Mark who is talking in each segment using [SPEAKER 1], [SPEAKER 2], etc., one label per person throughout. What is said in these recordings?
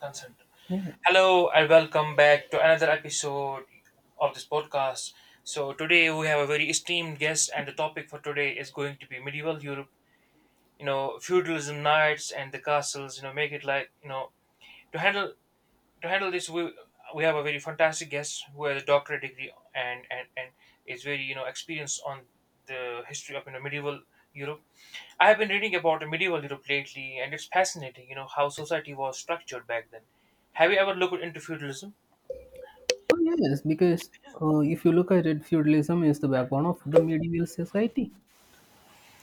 [SPEAKER 1] Consent.
[SPEAKER 2] Yeah.
[SPEAKER 1] Hello and welcome back to another episode of this podcast. So today we have a very esteemed guest, and the topic for today is going to be medieval Europe. You know, feudalism, knights, and the castles. You know, make it like to handle to handle this. We have a very fantastic guest who has a doctorate degree and is very experienced on the history of medieval Europe. I have been reading about medieval Europe lately, and it's fascinating, you know, how society was structured back then. Have you ever looked into feudalism?
[SPEAKER 2] Oh, yes, because if you look at it, feudalism is the backbone of the medieval society.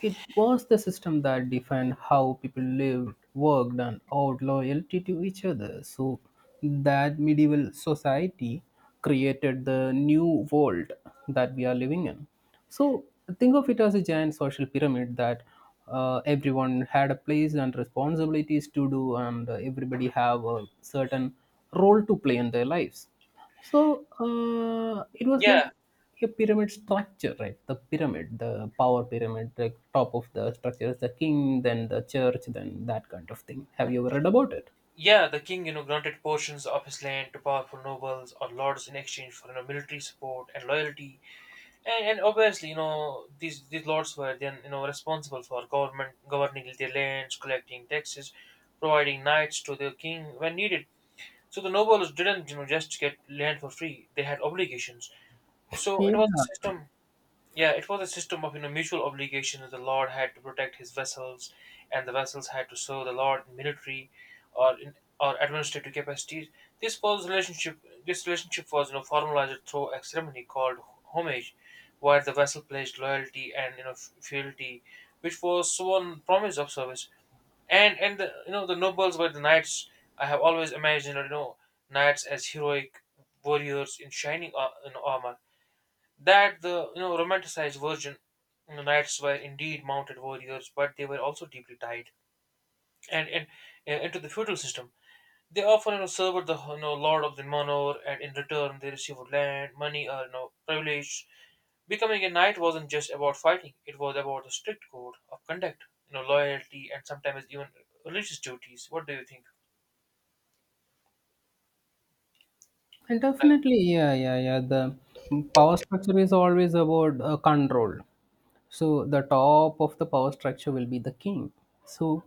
[SPEAKER 2] It was the system that defined how people lived, worked, and owed loyalty to each other. So, that medieval society created the new world that we are living in. So, think of it as a giant social pyramid that everyone had a place and responsibilities to do, and everybody have a certain role to play in their lives. So, it was
[SPEAKER 1] Yeah,
[SPEAKER 2] like a pyramid structure, right? The pyramid, the power pyramid, like top of the structure is the king, then the church, then that kind of thing. Have you ever read about it?
[SPEAKER 1] yeah, the king, you know, granted portions of his land to powerful nobles or lords in exchange for, you know, military support and loyalty. And obviously, you know, these lords were then, you know, responsible for government governing their lands, collecting taxes, providing knights to their king when needed. So the nobles didn't, you know, just get land for free; they had obligations. So it
[SPEAKER 2] Yeah,
[SPEAKER 1] was a system. Yeah, it was a system of mutual obligation that the lord had to protect his vessels, and the vessels had to serve the lord in military or in or administrative capacities. This was relationship. This relationship was formalized through a ceremony called homage, where the vessel pledged loyalty and fealty, which was sworn promise of service. And the, the nobles were the knights. I have always imagined knights as heroic warriors in in armor, that the romanticized version. You know, knights were indeed mounted warriors, but they were also deeply tied and into the feudal system. They often, you know, served the, you know, lord of the manor, and in return they received land, money, or, you know, privilege. Becoming a knight wasn't just about fighting; it was about a strict code of conduct, you know, loyalty, and sometimes even religious duties. What do you think?
[SPEAKER 2] and definitely, yeah, yeah, yeah. The power structure is always about control. So the top of the power structure will be the king. So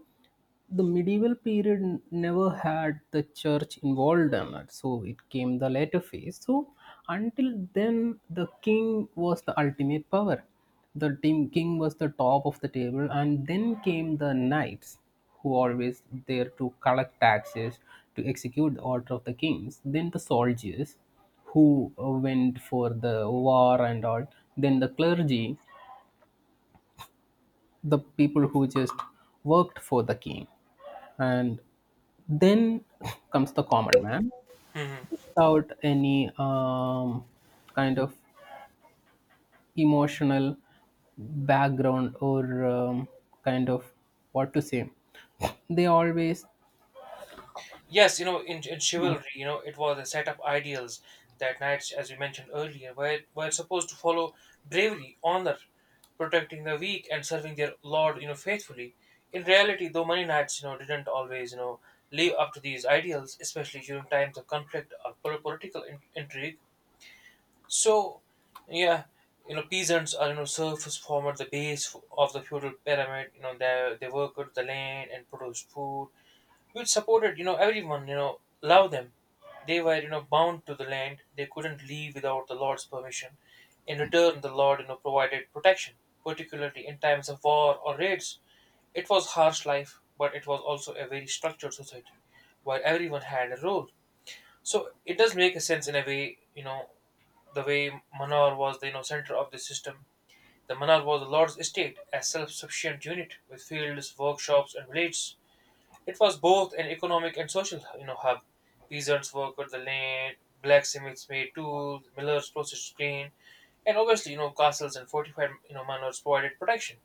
[SPEAKER 2] the medieval period never had the church involved in it, so it came the later phase. So until then the king was the ultimate power. The team king was the top of the table, and then came the knights, who always there to collect taxes, to execute the order of the kings, then the soldiers, who went for the war and all, then the clergy, the people who just worked for the king. And then comes the common man
[SPEAKER 1] Mhm.
[SPEAKER 2] without any kind of emotional background or kind of what to say. They always,
[SPEAKER 1] Yes, you know, in
[SPEAKER 2] yeah,
[SPEAKER 1] chivalry, you know, it was a set of ideals that knights, as we mentioned earlier, were supposed to follow: bravery, honor, protecting the weak, and serving their lord, you know, faithfully. In reality, though, many knights, you know, didn't always, you know, live up to these ideals, especially during times of conflict or political intrigue. So, yeah, you know, peasants are, you know, serfs formed the of the feudal pyramid. You know, they worked the land and produced food which supported, you know, everyone, you know, love them. They were, you know, bound to the land; they couldn't leave without the lord's permission. In return, the lord, you know, provided protection, particularly in times of war or raids. It was harsh life, but it was also a very structured society where everyone had a role. So it does make a sense in a way, you know, the way manar was the, you know, center of the system. The manar was the lord's estate, a self-sufficient unit with fields, workshops, and villages. It was both an economic and social, you know, hub. Peasants worked the land, blacksmiths made tools, millers processed grain, and obviously, you know, castles and fortified, you know, manors provided protection,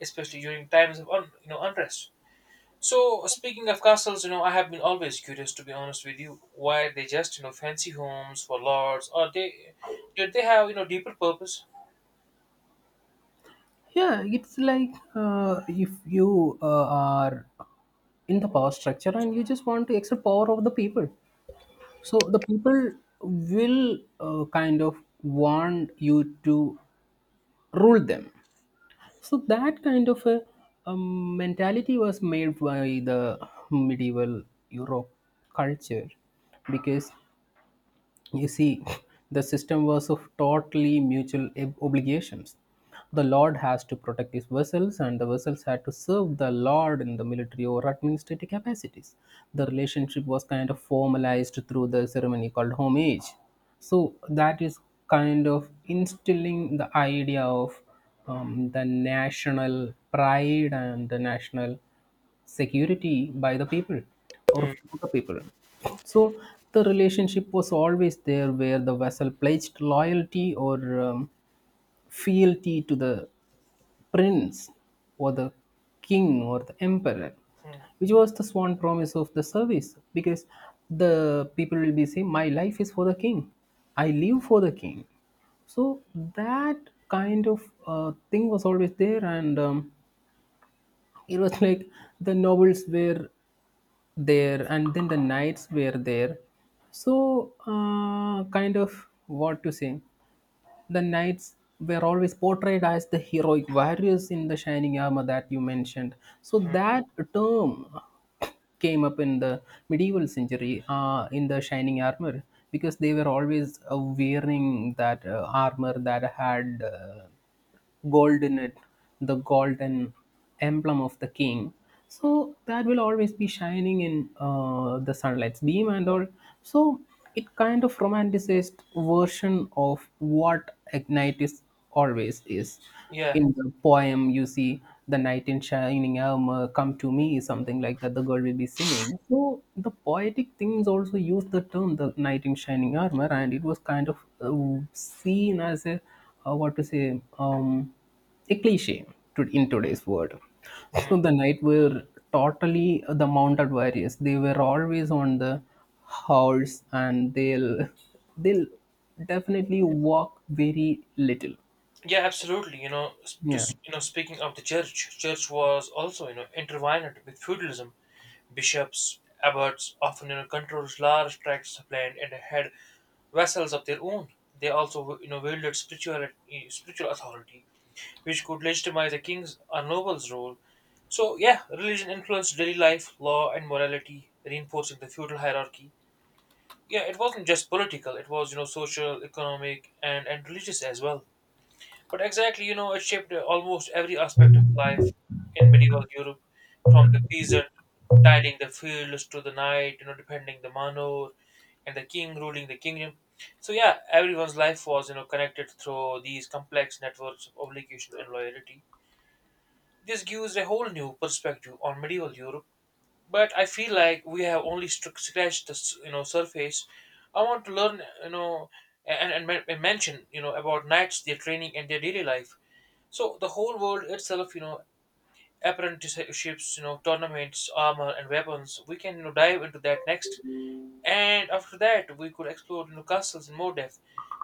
[SPEAKER 1] especially during times of, you know, unrest. So, speaking of castles, you know, I have been always curious, to be honest with you, why they just, you know, fancy homes for lords, or they did they have, you know, deeper purpose?
[SPEAKER 2] yeah, it's like if you are in the power structure and you just want to exert power over the people. So the people will kind of want you to rule them. So that kind of a mentality was made by the medieval Europe culture, because you see, the system was of totally mutual obligations. The Lord has to protect his vessels, and the vessels had to serve the Lord in the military or administrative capacities. The relationship was kind of formalized through the ceremony called homage. So, that is kind of instilling the idea of the national pride and the national security by the people or
[SPEAKER 1] Hmm,
[SPEAKER 2] for the people. So the relationship was always there where the vessel pledged loyalty or fealty to the prince or the king or the emperor,
[SPEAKER 1] hmm,
[SPEAKER 2] which was the sworn promise of the service, because the people will be saying, My life is for the king, I live for the king. So that kind of thing was always there, and it was like the novels were there and then the knights were there, so kind of what to say, the knights were always portrayed as the heroic warriors in the shining armor that you mentioned. So
[SPEAKER 1] hmm.
[SPEAKER 2] that term came up in the medieval century in the shining armor, because they were always wearing that armor that had gold in it, the golden emblem of the king. So that will always be shining in the sunlight's beam and all. So it kind of romanticized version of what Ignitis always is.
[SPEAKER 1] Yeah.
[SPEAKER 2] In the poem, you see the knight in shining armor, come to me, something like that, the girl will be saying. So the poetic things also use the term the knight in shining armor, and it was kind of seen as a what to say, a cliche to, in today's world.
[SPEAKER 1] Hmm.
[SPEAKER 2] So the knight were totally the mounted warriors. They were always on the horse, and they'll definitely walk very little.
[SPEAKER 1] Yeah, absolutely. You know,
[SPEAKER 2] Yeah.
[SPEAKER 1] you know, speaking of the church, church was also, you know, intertwined with feudalism. Bishops, abbots often, you know, controlled large tracts of land and had vassals of their own. They also, you know, wielded spiritual spiritual authority, which could legitimize a king's or noble's role. So yeah, religion influenced daily life, law, and morality, reinforcing the feudal hierarchy. Yeah, it wasn't just political; it was, you know, social, economic, and religious as well. But exactly, you know, it shaped almost every aspect of life in medieval Europe, from the peasant tilling the fields to the knight, you know, defending the manor, and the king ruling the kingdom. So yeah, everyone's life was, you know, connected through these complex networks of obligation and loyalty. This gives a whole new perspective on medieval Europe. But I feel like we have only scratched the, you know, surface. I want to learn, you know, and mention, you know, about knights, their training, and their daily life. So the whole world itself, you know, apprenticeships, you know, tournaments, armor, and weapons. We can, you know, dive into that next, and after that, we could explore, you know, castles in more depth,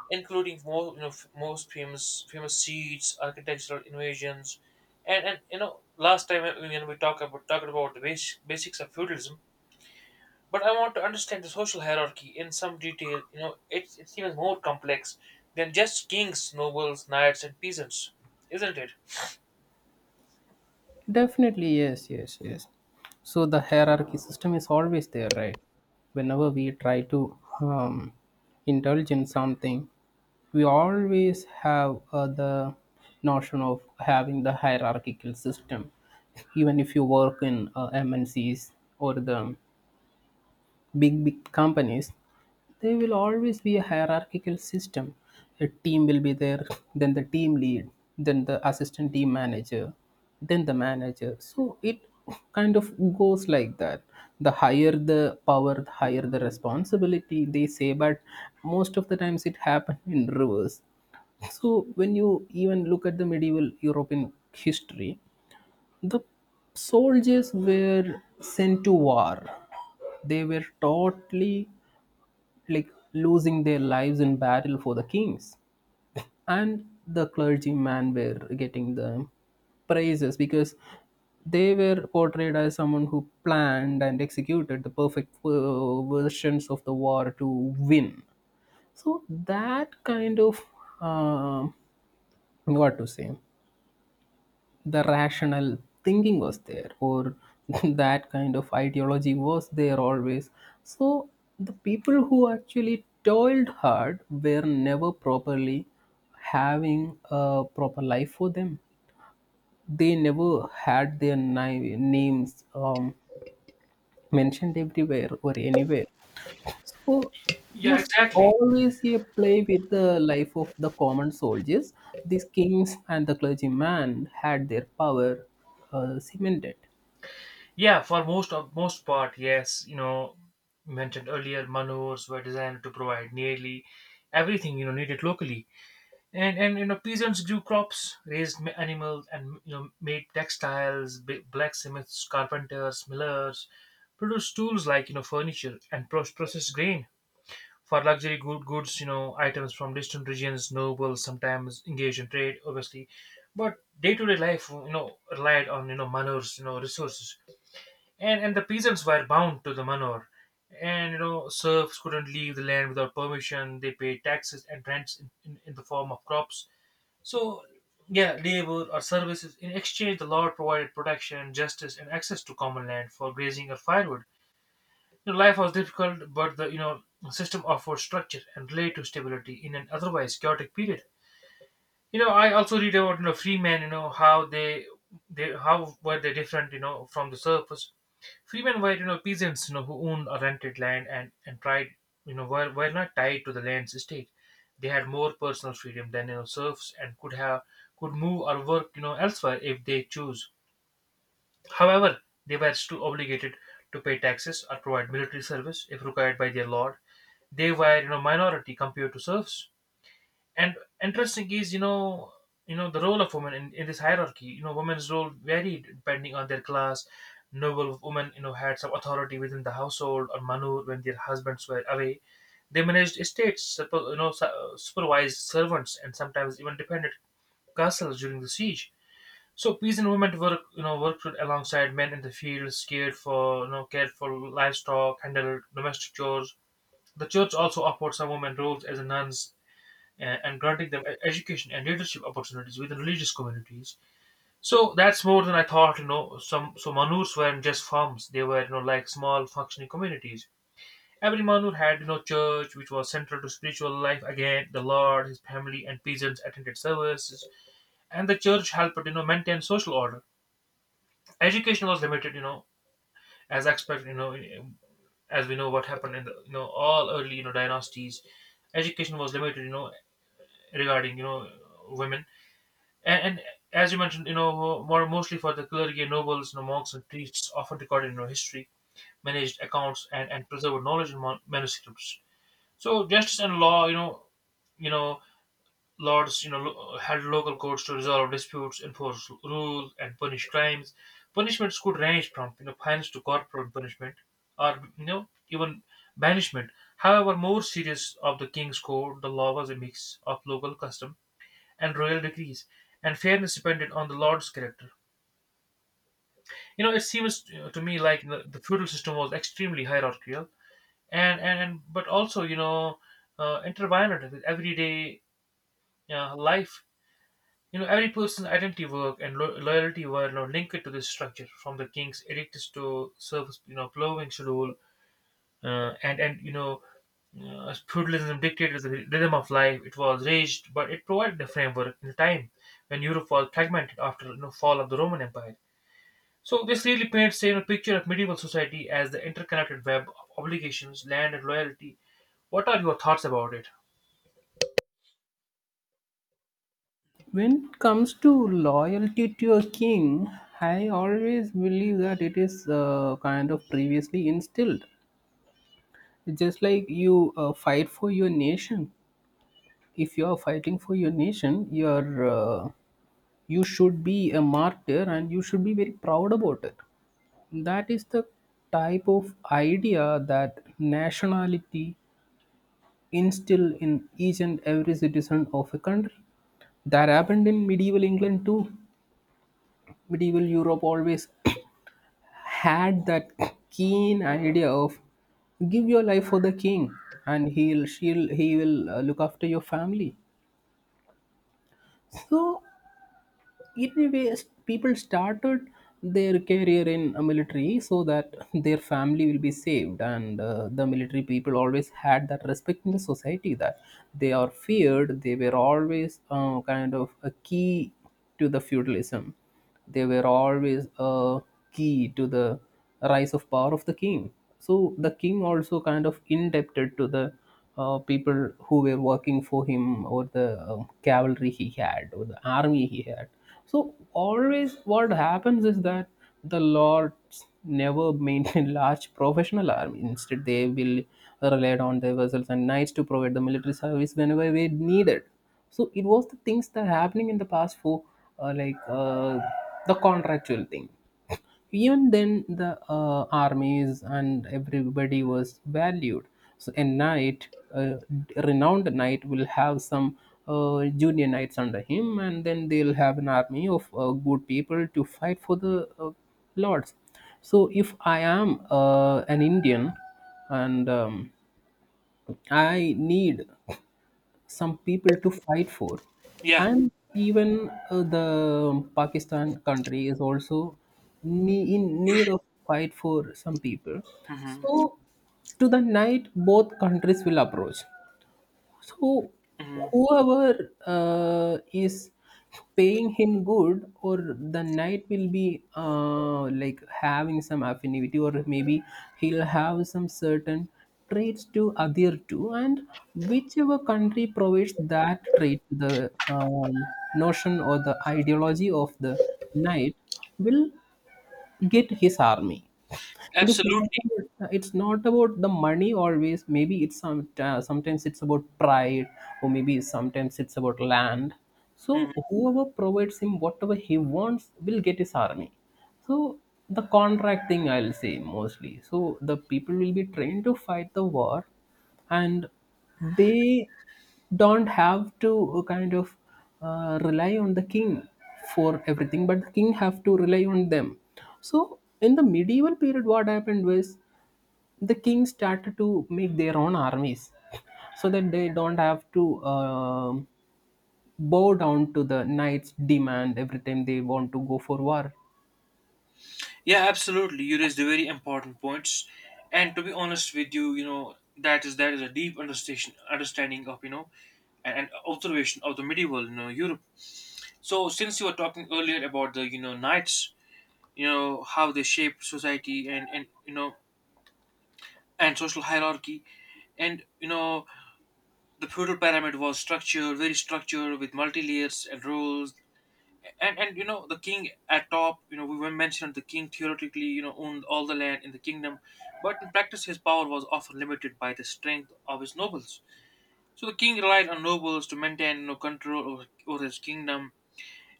[SPEAKER 1] including more, you know, most famous seats, architectural invasions, and you know, last time, you know, we talked about the basics of feudalism. But I want to understand the social hierarchy in some detail. You know, it's even more complex than just kings, nobles, knights, and peasants, isn't it?
[SPEAKER 2] Definitely, yes, yes, yes. So the hierarchy system is always there, right? Whenever we try to um, indulge in something, we always have the notion of having the hierarchical system. Even if you work in MNCs or the big big companies, there will always be a hierarchical system. A team will be there, then the team lead, then the assistant team manager, then the manager, so it kind of goes like that. The higher the power, the higher the responsibility, they say, but most of the times it happens in reverse. So when you even look at the medieval European history, the soldiers were sent to war. They were totally like losing their lives in battle for the kings, and the clergymen were getting the praises because they were portrayed as someone who planned and executed the perfect versions of the war to win. So that kind of um what to say, the rational thinking was there, or that kind of ideology was there always. So the people who actually toiled hard were never properly having a proper life for them. They never had their names mentioned everywhere or anywhere. So it
[SPEAKER 1] Yeah,
[SPEAKER 2] was
[SPEAKER 1] exactly.
[SPEAKER 2] always a play with the life of the common soldiers. These kings and the clergyman had their power cemented.
[SPEAKER 1] Yeah, for most of most part, yes. You know, mentioned earlier, manors were designed to provide nearly everything, you know, needed locally, and you know, peasants grew crops, raised animals, and, you know, made textiles. Blacksmiths, carpenters, millers produced tools like, you know, furniture, and processed grain. For goods, you know, items from distant regions, nobles sometimes engaged in trade, obviously, but day-to-day life, you know, relied on, you know, manors, you know, resources, and the peasants were bound to the manor, and, you know, serfs couldn't leave the land without permission. They paid taxes and rents in the form of crops. So yeah, labor or services. In exchange, the Lord provided protection, justice, and access to common land for grazing or firewood. You know, life was difficult, but the, you know, system offered structure and led to stability in an otherwise chaotic period. You know, I also read about, you know, freemen. You know, how they how were they different? You know, from the surface. Freemen were, you know, peasants, you know, who owned or rented land, and tried, you know, were not tied to the land's estate. They had more personal freedom than, you know, serfs, and could move or work, you know, elsewhere if they choose. However, they were still obligated to pay taxes or provide military service if required by their lord. They were, you know, minority compared to serfs. And interesting is, you know, the role of women in this hierarchy. You know, women's role varied depending on their class. Noble women, you know, had some authority within the household or manur when their husbands were away. They managed estates, you know, supervised servants, and sometimes even defended castles during the siege. So peasant you know, worked alongside men in the fields, cared for, you know, cared for livestock, handled domestic chores. The church also offered some women roles as nuns, and granting them education and leadership opportunities within religious communities. So that's more than I thought. You know, some so manurs weren't just farms; they were, you know, like small functioning communities. Every manur had, you know, church, which was central to spiritual life. Again, the Lord, His family, and peasants attended services, and the church helped, you know, maintain social order. Education was limited, you know, as expected, you know, as we know what happened in the, you know, all early, you know, dynasties. Education was limited, you know, regarding, you know, women, and as you mentioned, you know, more mostly for the clergy and nobles. You know, monks and priests often recorded, you know, history, managed accounts, and preserved knowledge in manuscripts. So justice and law, you know, you know, Lords, you know, had local courts to resolve disputes, enforce rules, and punish crimes. Punishments could range from, you know, fines to corporal punishment, or, you know, even banishment. However, more serious of the king's court, the law was a mix of local custom and royal decrees, and fairness depended on the lord's character. You know, it seems to me like the feudal system was extremely hierarchical, and but also, you know, intertwined with everyday life. You know, every person's identity, work, and loyalty were, you know, linked to this structure, from the king's edicts to service, you know, plowing schedule, and you know, feudalism dictated the rhythm of life. It was raged, but it provided a framework in a time when Europe was fragmented after, you know, fall of the Roman Empire. So this really paints a picture of medieval society as the interconnected web of obligations, land, and loyalty. What are your thoughts about it?
[SPEAKER 2] When it comes to loyalty to a king, I always believe that it is kind of previously instilled. Just like you fight for your nation, if you are fighting for your nation, you are you should be a martyr and you should be very proud about it. That is the type of idea that nationality instilled in each and every citizen of a country. That happened in medieval England too. Medieval Europe always had that keen idea of give your life for the king, and he will look after your family. So anyway people started their career in a military so that their family will be saved, and the military people always had that respect in the society, that they are feared. They were always kind of a key to the feudalism. They were always a key to the rise of power of the king. So the king also kind of indebted to the people who were working for him, or the cavalry he had, or the army he had. So always what happens is that the lords never maintain large professional army, instead they will relied on their vessels and knights to provide the military service whenever they needed. So it was the things that happening in the past for like the contractual thing. Even then, the armies and everybody was valued. So a renowned knight will have some junior knights under him, and then they'll have an army of good people to fight for the lords. So if I am an Indian, and I need some people to fight for,
[SPEAKER 1] Yeah.
[SPEAKER 2] and even the Pakistan country is also in need of fight for some people,
[SPEAKER 1] Hmm,
[SPEAKER 2] so to the night both countries will approach. So,
[SPEAKER 1] hmm.
[SPEAKER 2] whoever is paying him good, or the knight will be like having some affinity, or maybe he'll have some certain traits to adhere to, and whichever country provides that trait, the notion or the ideology of the knight will get his army. It is not
[SPEAKER 1] Absolutely.
[SPEAKER 2] about, it's not about the money always. Maybe it's some sometimes it's about pride, or maybe sometimes it's about land. So whoever provides him whatever he wants will get his army. So the contract thing I'll say mostly. So the people will be trained to fight the war, and they don't have to kind of rely on the king for everything, but the king have to rely on them. So in the medieval period what happened was, the king started to make their own armies so that they don't have to bow down to the knight's demand every time they want to go for war.
[SPEAKER 1] Yeah, absolutely. You raised the very important points, and to be honest with you, you know that is a deep understanding of and observation of the medieval Europe. So since you were talking earlier about the knights, how they shaped society and and social hierarchy, and the feudal pyramid was structured very structured with multi layers and rules, and the king at top, we were mentioned, the king theoretically owned all the land in the kingdom, but in practice his power was often limited by the strength of his nobles. So the king relied on nobles to maintain control over his kingdom,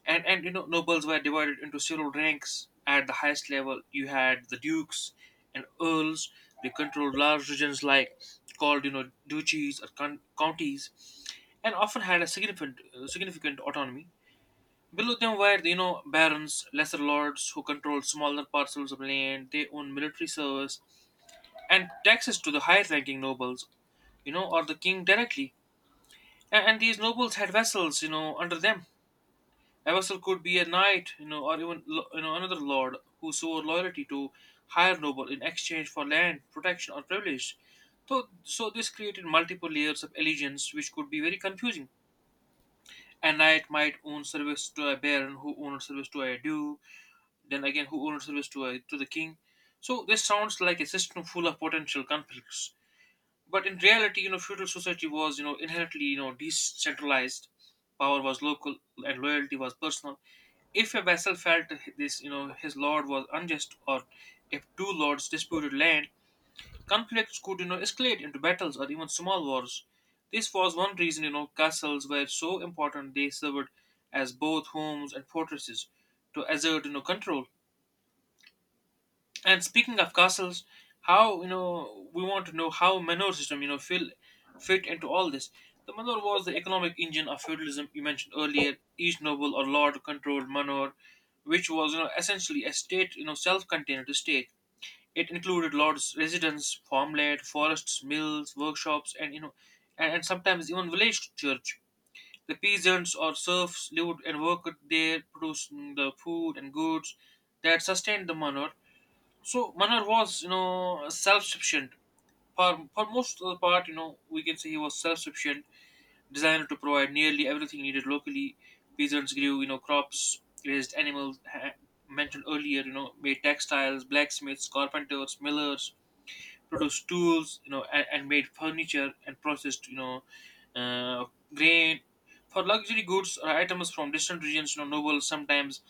[SPEAKER 1] and and nobles were divided into several ranks. At the highest level you had the dukes and earls. They controlled large regions like called, duchies or counties, and often had a significant autonomy. Below them were, barons, lesser lords who controlled smaller parcels of land. They owned military service and taxes to the higher ranking nobles, or the king directly. And these nobles had vassals, under them. A vassal could be a knight, or even another lord who swore loyalty to higher noble in exchange for land, protection, or privilege. So this created multiple layers of allegiance, which could be very confusing. A knight might own service to a baron who owned service to a duke. Then again, who owed service to to the king? So this sounds like a system full of potential conflicts. But in reality, feudal society was, inherently, decentralized. Power was local and loyalty was personal. If a vassal felt this, his lord was unjust, or if two lords disputed land, conflicts could, escalate into battles or even small wars. This was one reason, castles were so important. They served as both homes and fortresses to assert, control. And speaking of castles, how we want to know how manor system fill fit into all this. The manor was the economic engine of feudalism you mentioned earlier. Each noble or lord controlled manor, which was essentially a state you know self-contained estate. It included lords' residence, farmland, forests, mills, workshops, and you know, and sometimes even village church. The peasants or serfs lived and worked there, producing the food and goods that sustained the manor. So Manar was, self-sufficient. For most of the part, we can say he was self-sufficient, designed to provide nearly everything needed locally. Peasants grew, crops, raised animals, mentioned earlier, made textiles, blacksmiths, carpenters, millers, produced tools, and made furniture, and processed, uh, grain. For luxury goods or items from distant regions, nobles sometimes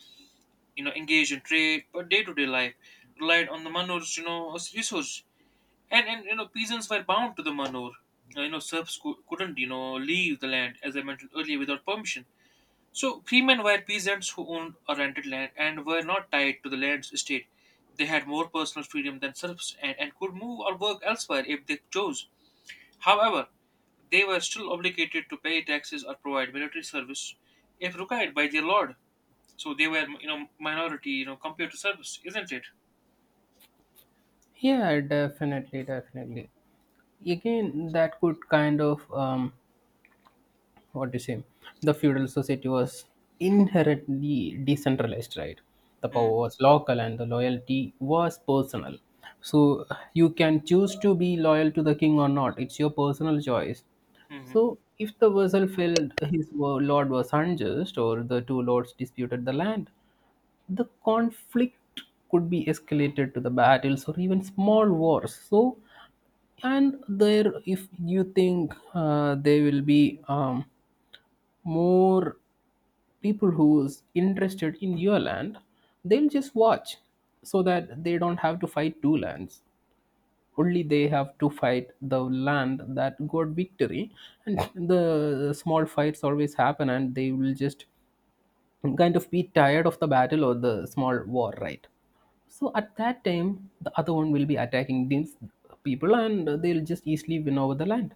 [SPEAKER 1] engaged in trade, but day-to-day life relied on the manur's, as resource. And and peasants were bound to the manur. Serfs couldn't, leave the land, as I mentioned earlier, without permission. So freemen were peasants who owned or rented land and were not tied to the land's estate. They had more personal freedom than serfs, and could move or work elsewhere if they chose. However, they were still obligated to pay taxes or provide military service if required by their lord. So they were, minority, compared to service, isn't it?
[SPEAKER 2] Yeah, definitely, definitely. Again, that could kind of what do you say, the feudal society was inherently decentralized, right? The power
[SPEAKER 1] Mm.
[SPEAKER 2] was local and the loyalty was personal. So you can choose to be loyal to the king or not, it's your personal choice.
[SPEAKER 1] Mhm.
[SPEAKER 2] So if the vassal felt his lord was unjust, or the two lords disputed the land, the conflict could be escalated to the battles or even small wars. So and there, if you think they will be more people who's interested in your land, they'll just watch, so that they don't have to fight two lands, only they have to fight the land that got victory. And the small fights always happen, and they will just kind of be tired of the battle or the small war, right? So at that time, the other one will be attacking these people, and they'll just easily win over the land.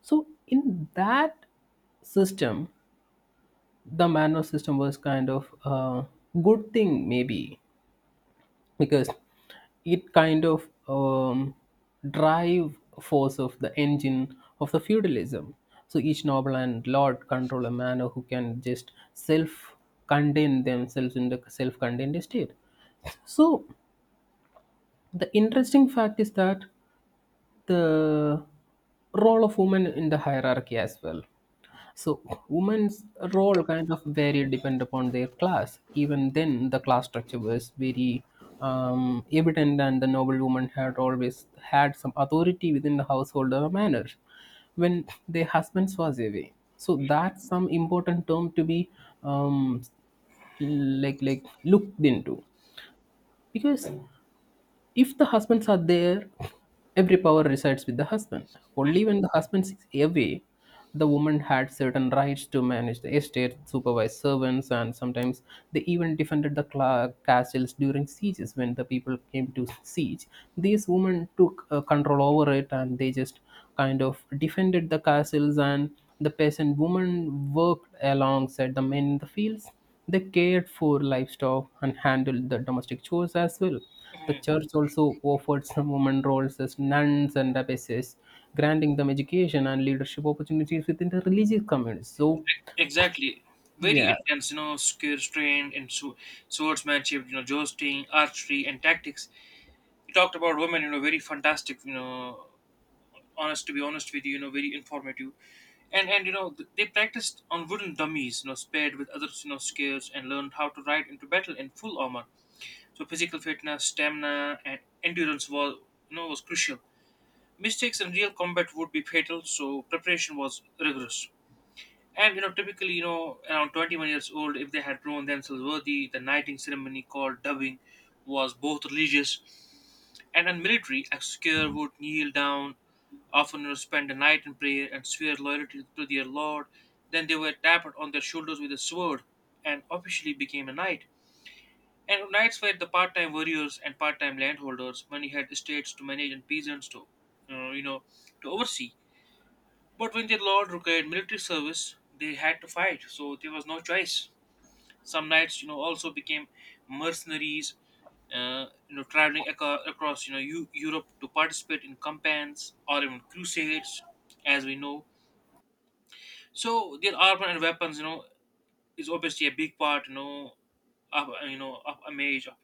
[SPEAKER 2] So in that system, the manual system was kind of a good thing maybe, because it kind of drive force of the engine of the feudalism. So each noble and lord control a manor, who can just self contain themselves in the self contained state. So the interesting fact is that the role of women in the hierarchy as well. So women's role kind of varied depend upon their class. Even then, the class structure was very evident, and the noble woman had always had some authority within the household or manner when their husbands was away. So that's some important term to be um, like looked into, because if the husbands are there, every power resides with the husband.
[SPEAKER 1] Mhm.
[SPEAKER 2] Only when the husband is away, the woman had certain rights to manage the estate, supervise servants, and sometimes they even defended the castles during sieges. When the people came to siege, these women took control over it, and they just kind of defended the castles. And the peasant woman worked alongside the men in the fields, they cared for livestock and handled the domestic chores as well. The church also offered some women roles as nuns and abbesses, granting them education and leadership opportunities within the religious communities. So,
[SPEAKER 1] Exactly. Very
[SPEAKER 2] yeah,
[SPEAKER 1] intense, skill, trained in swordsmanship, jousting, archery, and tactics. You talked about women, very fantastic, you know, honest to be honest with you, very informative. And they practiced on wooden dummies, paired with other, skills, and learned how to ride into battle in full armor. So physical fitness, stamina, and endurance was crucial. Mistakes in real combat would be fatal, so preparation was rigorous. And typically, around 21 years old, if they had proven themselves worthy, the knighting ceremony called dubbing was both religious and military. A secular would kneel down, often, spend the night in prayer and swear loyalty to their lord. Then they were tapped on their shoulders with a sword and officially became a knight. And knights were the part-time warriors and part-time landholders. Many had estates to manage and peasants to, you know you know, to oversee. But when their lord required military service, they had to fight, so there was no choice. Some knights, also became mercenaries, traveling across, Europe to participate in campaigns or even crusades, as we know. So their armor and weapons, is obviously a big part, of of a mage of,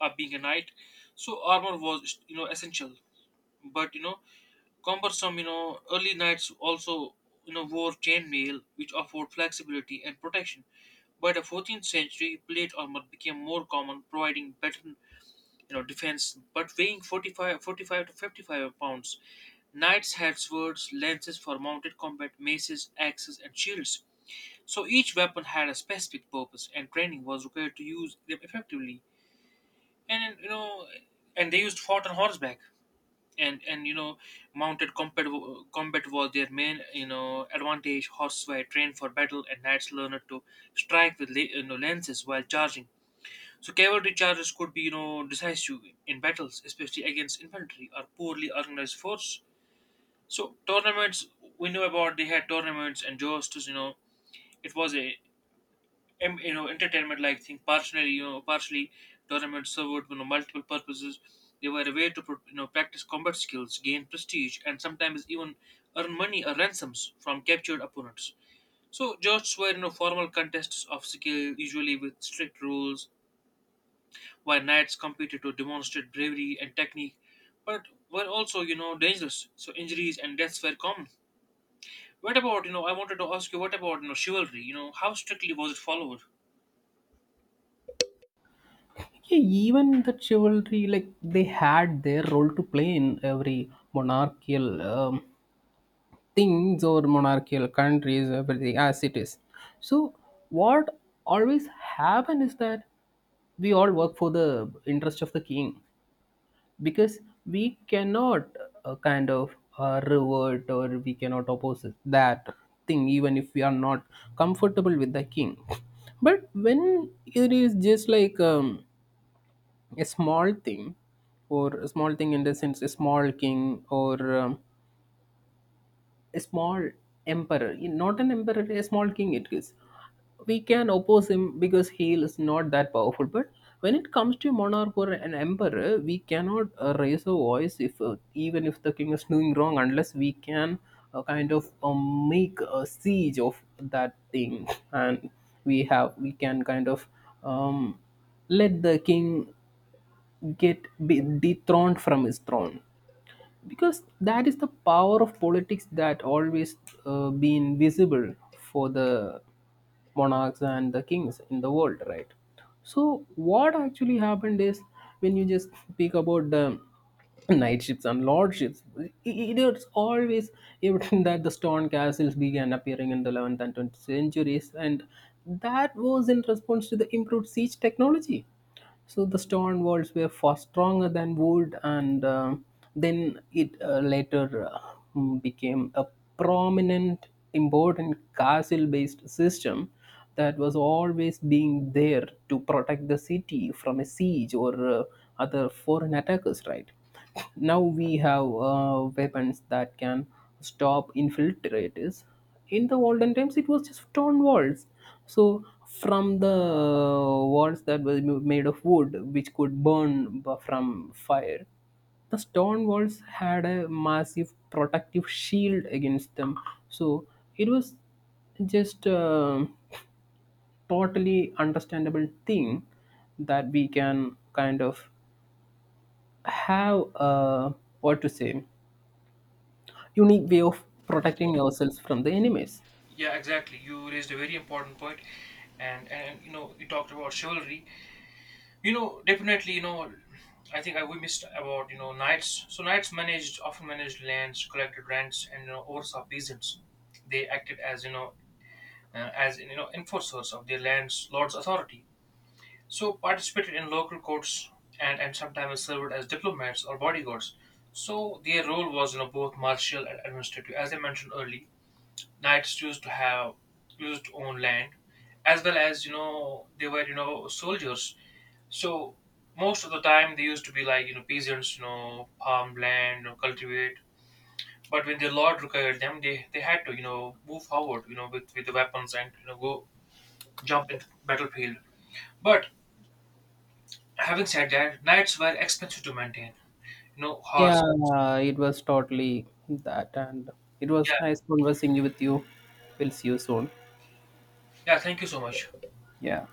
[SPEAKER 1] of being a knight. So armor was, essential. But, cumbersome, early nights also, wore chainmail, which offered flexibility and protection. By the 14th century, plate armor became more common, providing better, defense, but weighing 45, 45 to 55 pounds. Knights had swords, lances for mounted combat, maces, axes, and shields. So each weapon had a specific purpose, and training was required to use them effectively. And they used fought on horseback. And mounted combat combat was their main advantage. Horses were trained for battle, and knights learned to strike with lances while charging. So cavalry charges could be decisive in battles, especially against infantry or poorly organized force. So tournaments, we knew about. They had tournaments and jousts, it was a entertainment like thing. Partially tournaments served multiple purposes. They were a way to practice combat skills, gain prestige, and sometimes even earn money or ransoms from captured opponents. So jousts were formal contests of skill, usually with strict rules, while knights competed to demonstrate bravery and technique, but were also dangerous, so injuries and deaths were common. What about you know I wanted to ask you, what about chivalry, how strictly was it followed?
[SPEAKER 2] yeah, even the chivalry, like they had their role to play in every monarchical things or monarchical countries, everything as it is. So, what always happened is that we all work for the interest of the king, because we cannot kind of revert, or we cannot oppose that thing, even if we are not comfortable with the king. But when it is just like a small thing, or a small thing in the sense, a small king, or a small emperor, not an emperor, a small king it is. We can oppose him because he is not that powerful. But when it comes to monarch or an emperor, we cannot raise a voice if even if the king is doing wrong, unless we can kind of make a siege of that thing, and we can kind of um, let the king get be dethroned from his throne, because that is the power of politics that always been visible for the monarchs and the kings in the world, right? So what actually happened is, when you just speak about the knightships and lordships, it, it's always evident that the stone castles began appearing in the 11th and 20th centuries, and that was in response to the improved siege technology. So the stone walls were far stronger than wood, and then it later became a prominent, important castle-based system that was always being there to protect the city from a siege or other foreign attackers. Right now, we have weapons that can stop infiltrators. In the olden times it was just stone walls. So from the walls that were made of wood, which could burn from fire, the stone walls had a massive protective shield against them. So it was just a totally understandable thing, that we can kind of have a what to say unique way of protecting ourselves from the enemies.
[SPEAKER 1] Yeah, exactly. You raised a very important point, and you talked about chivalry. Definitely. I think we missed about knights. So knights managed often managed lands, collected rents, and oversaw peasants. They acted as, you know enforcers of their lands lords' authority. So participated in local courts, and sometimes served as diplomats or bodyguards. So their role was both martial and administrative. As I mentioned earlier, knights used to own land as well as, they were, soldiers. So most of the time they used to be like, peasants, farm land or cultivate. But when their lord required them, they had to, move forward, with the weapons, and go jump in the battlefield. But having said that, knights were expensive to maintain, horse.
[SPEAKER 2] Yeah, it was totally that, and it was
[SPEAKER 1] Yeah,
[SPEAKER 2] nice conversing with you. We'll see you soon.
[SPEAKER 1] yeah, thank you so much.
[SPEAKER 2] Yeah.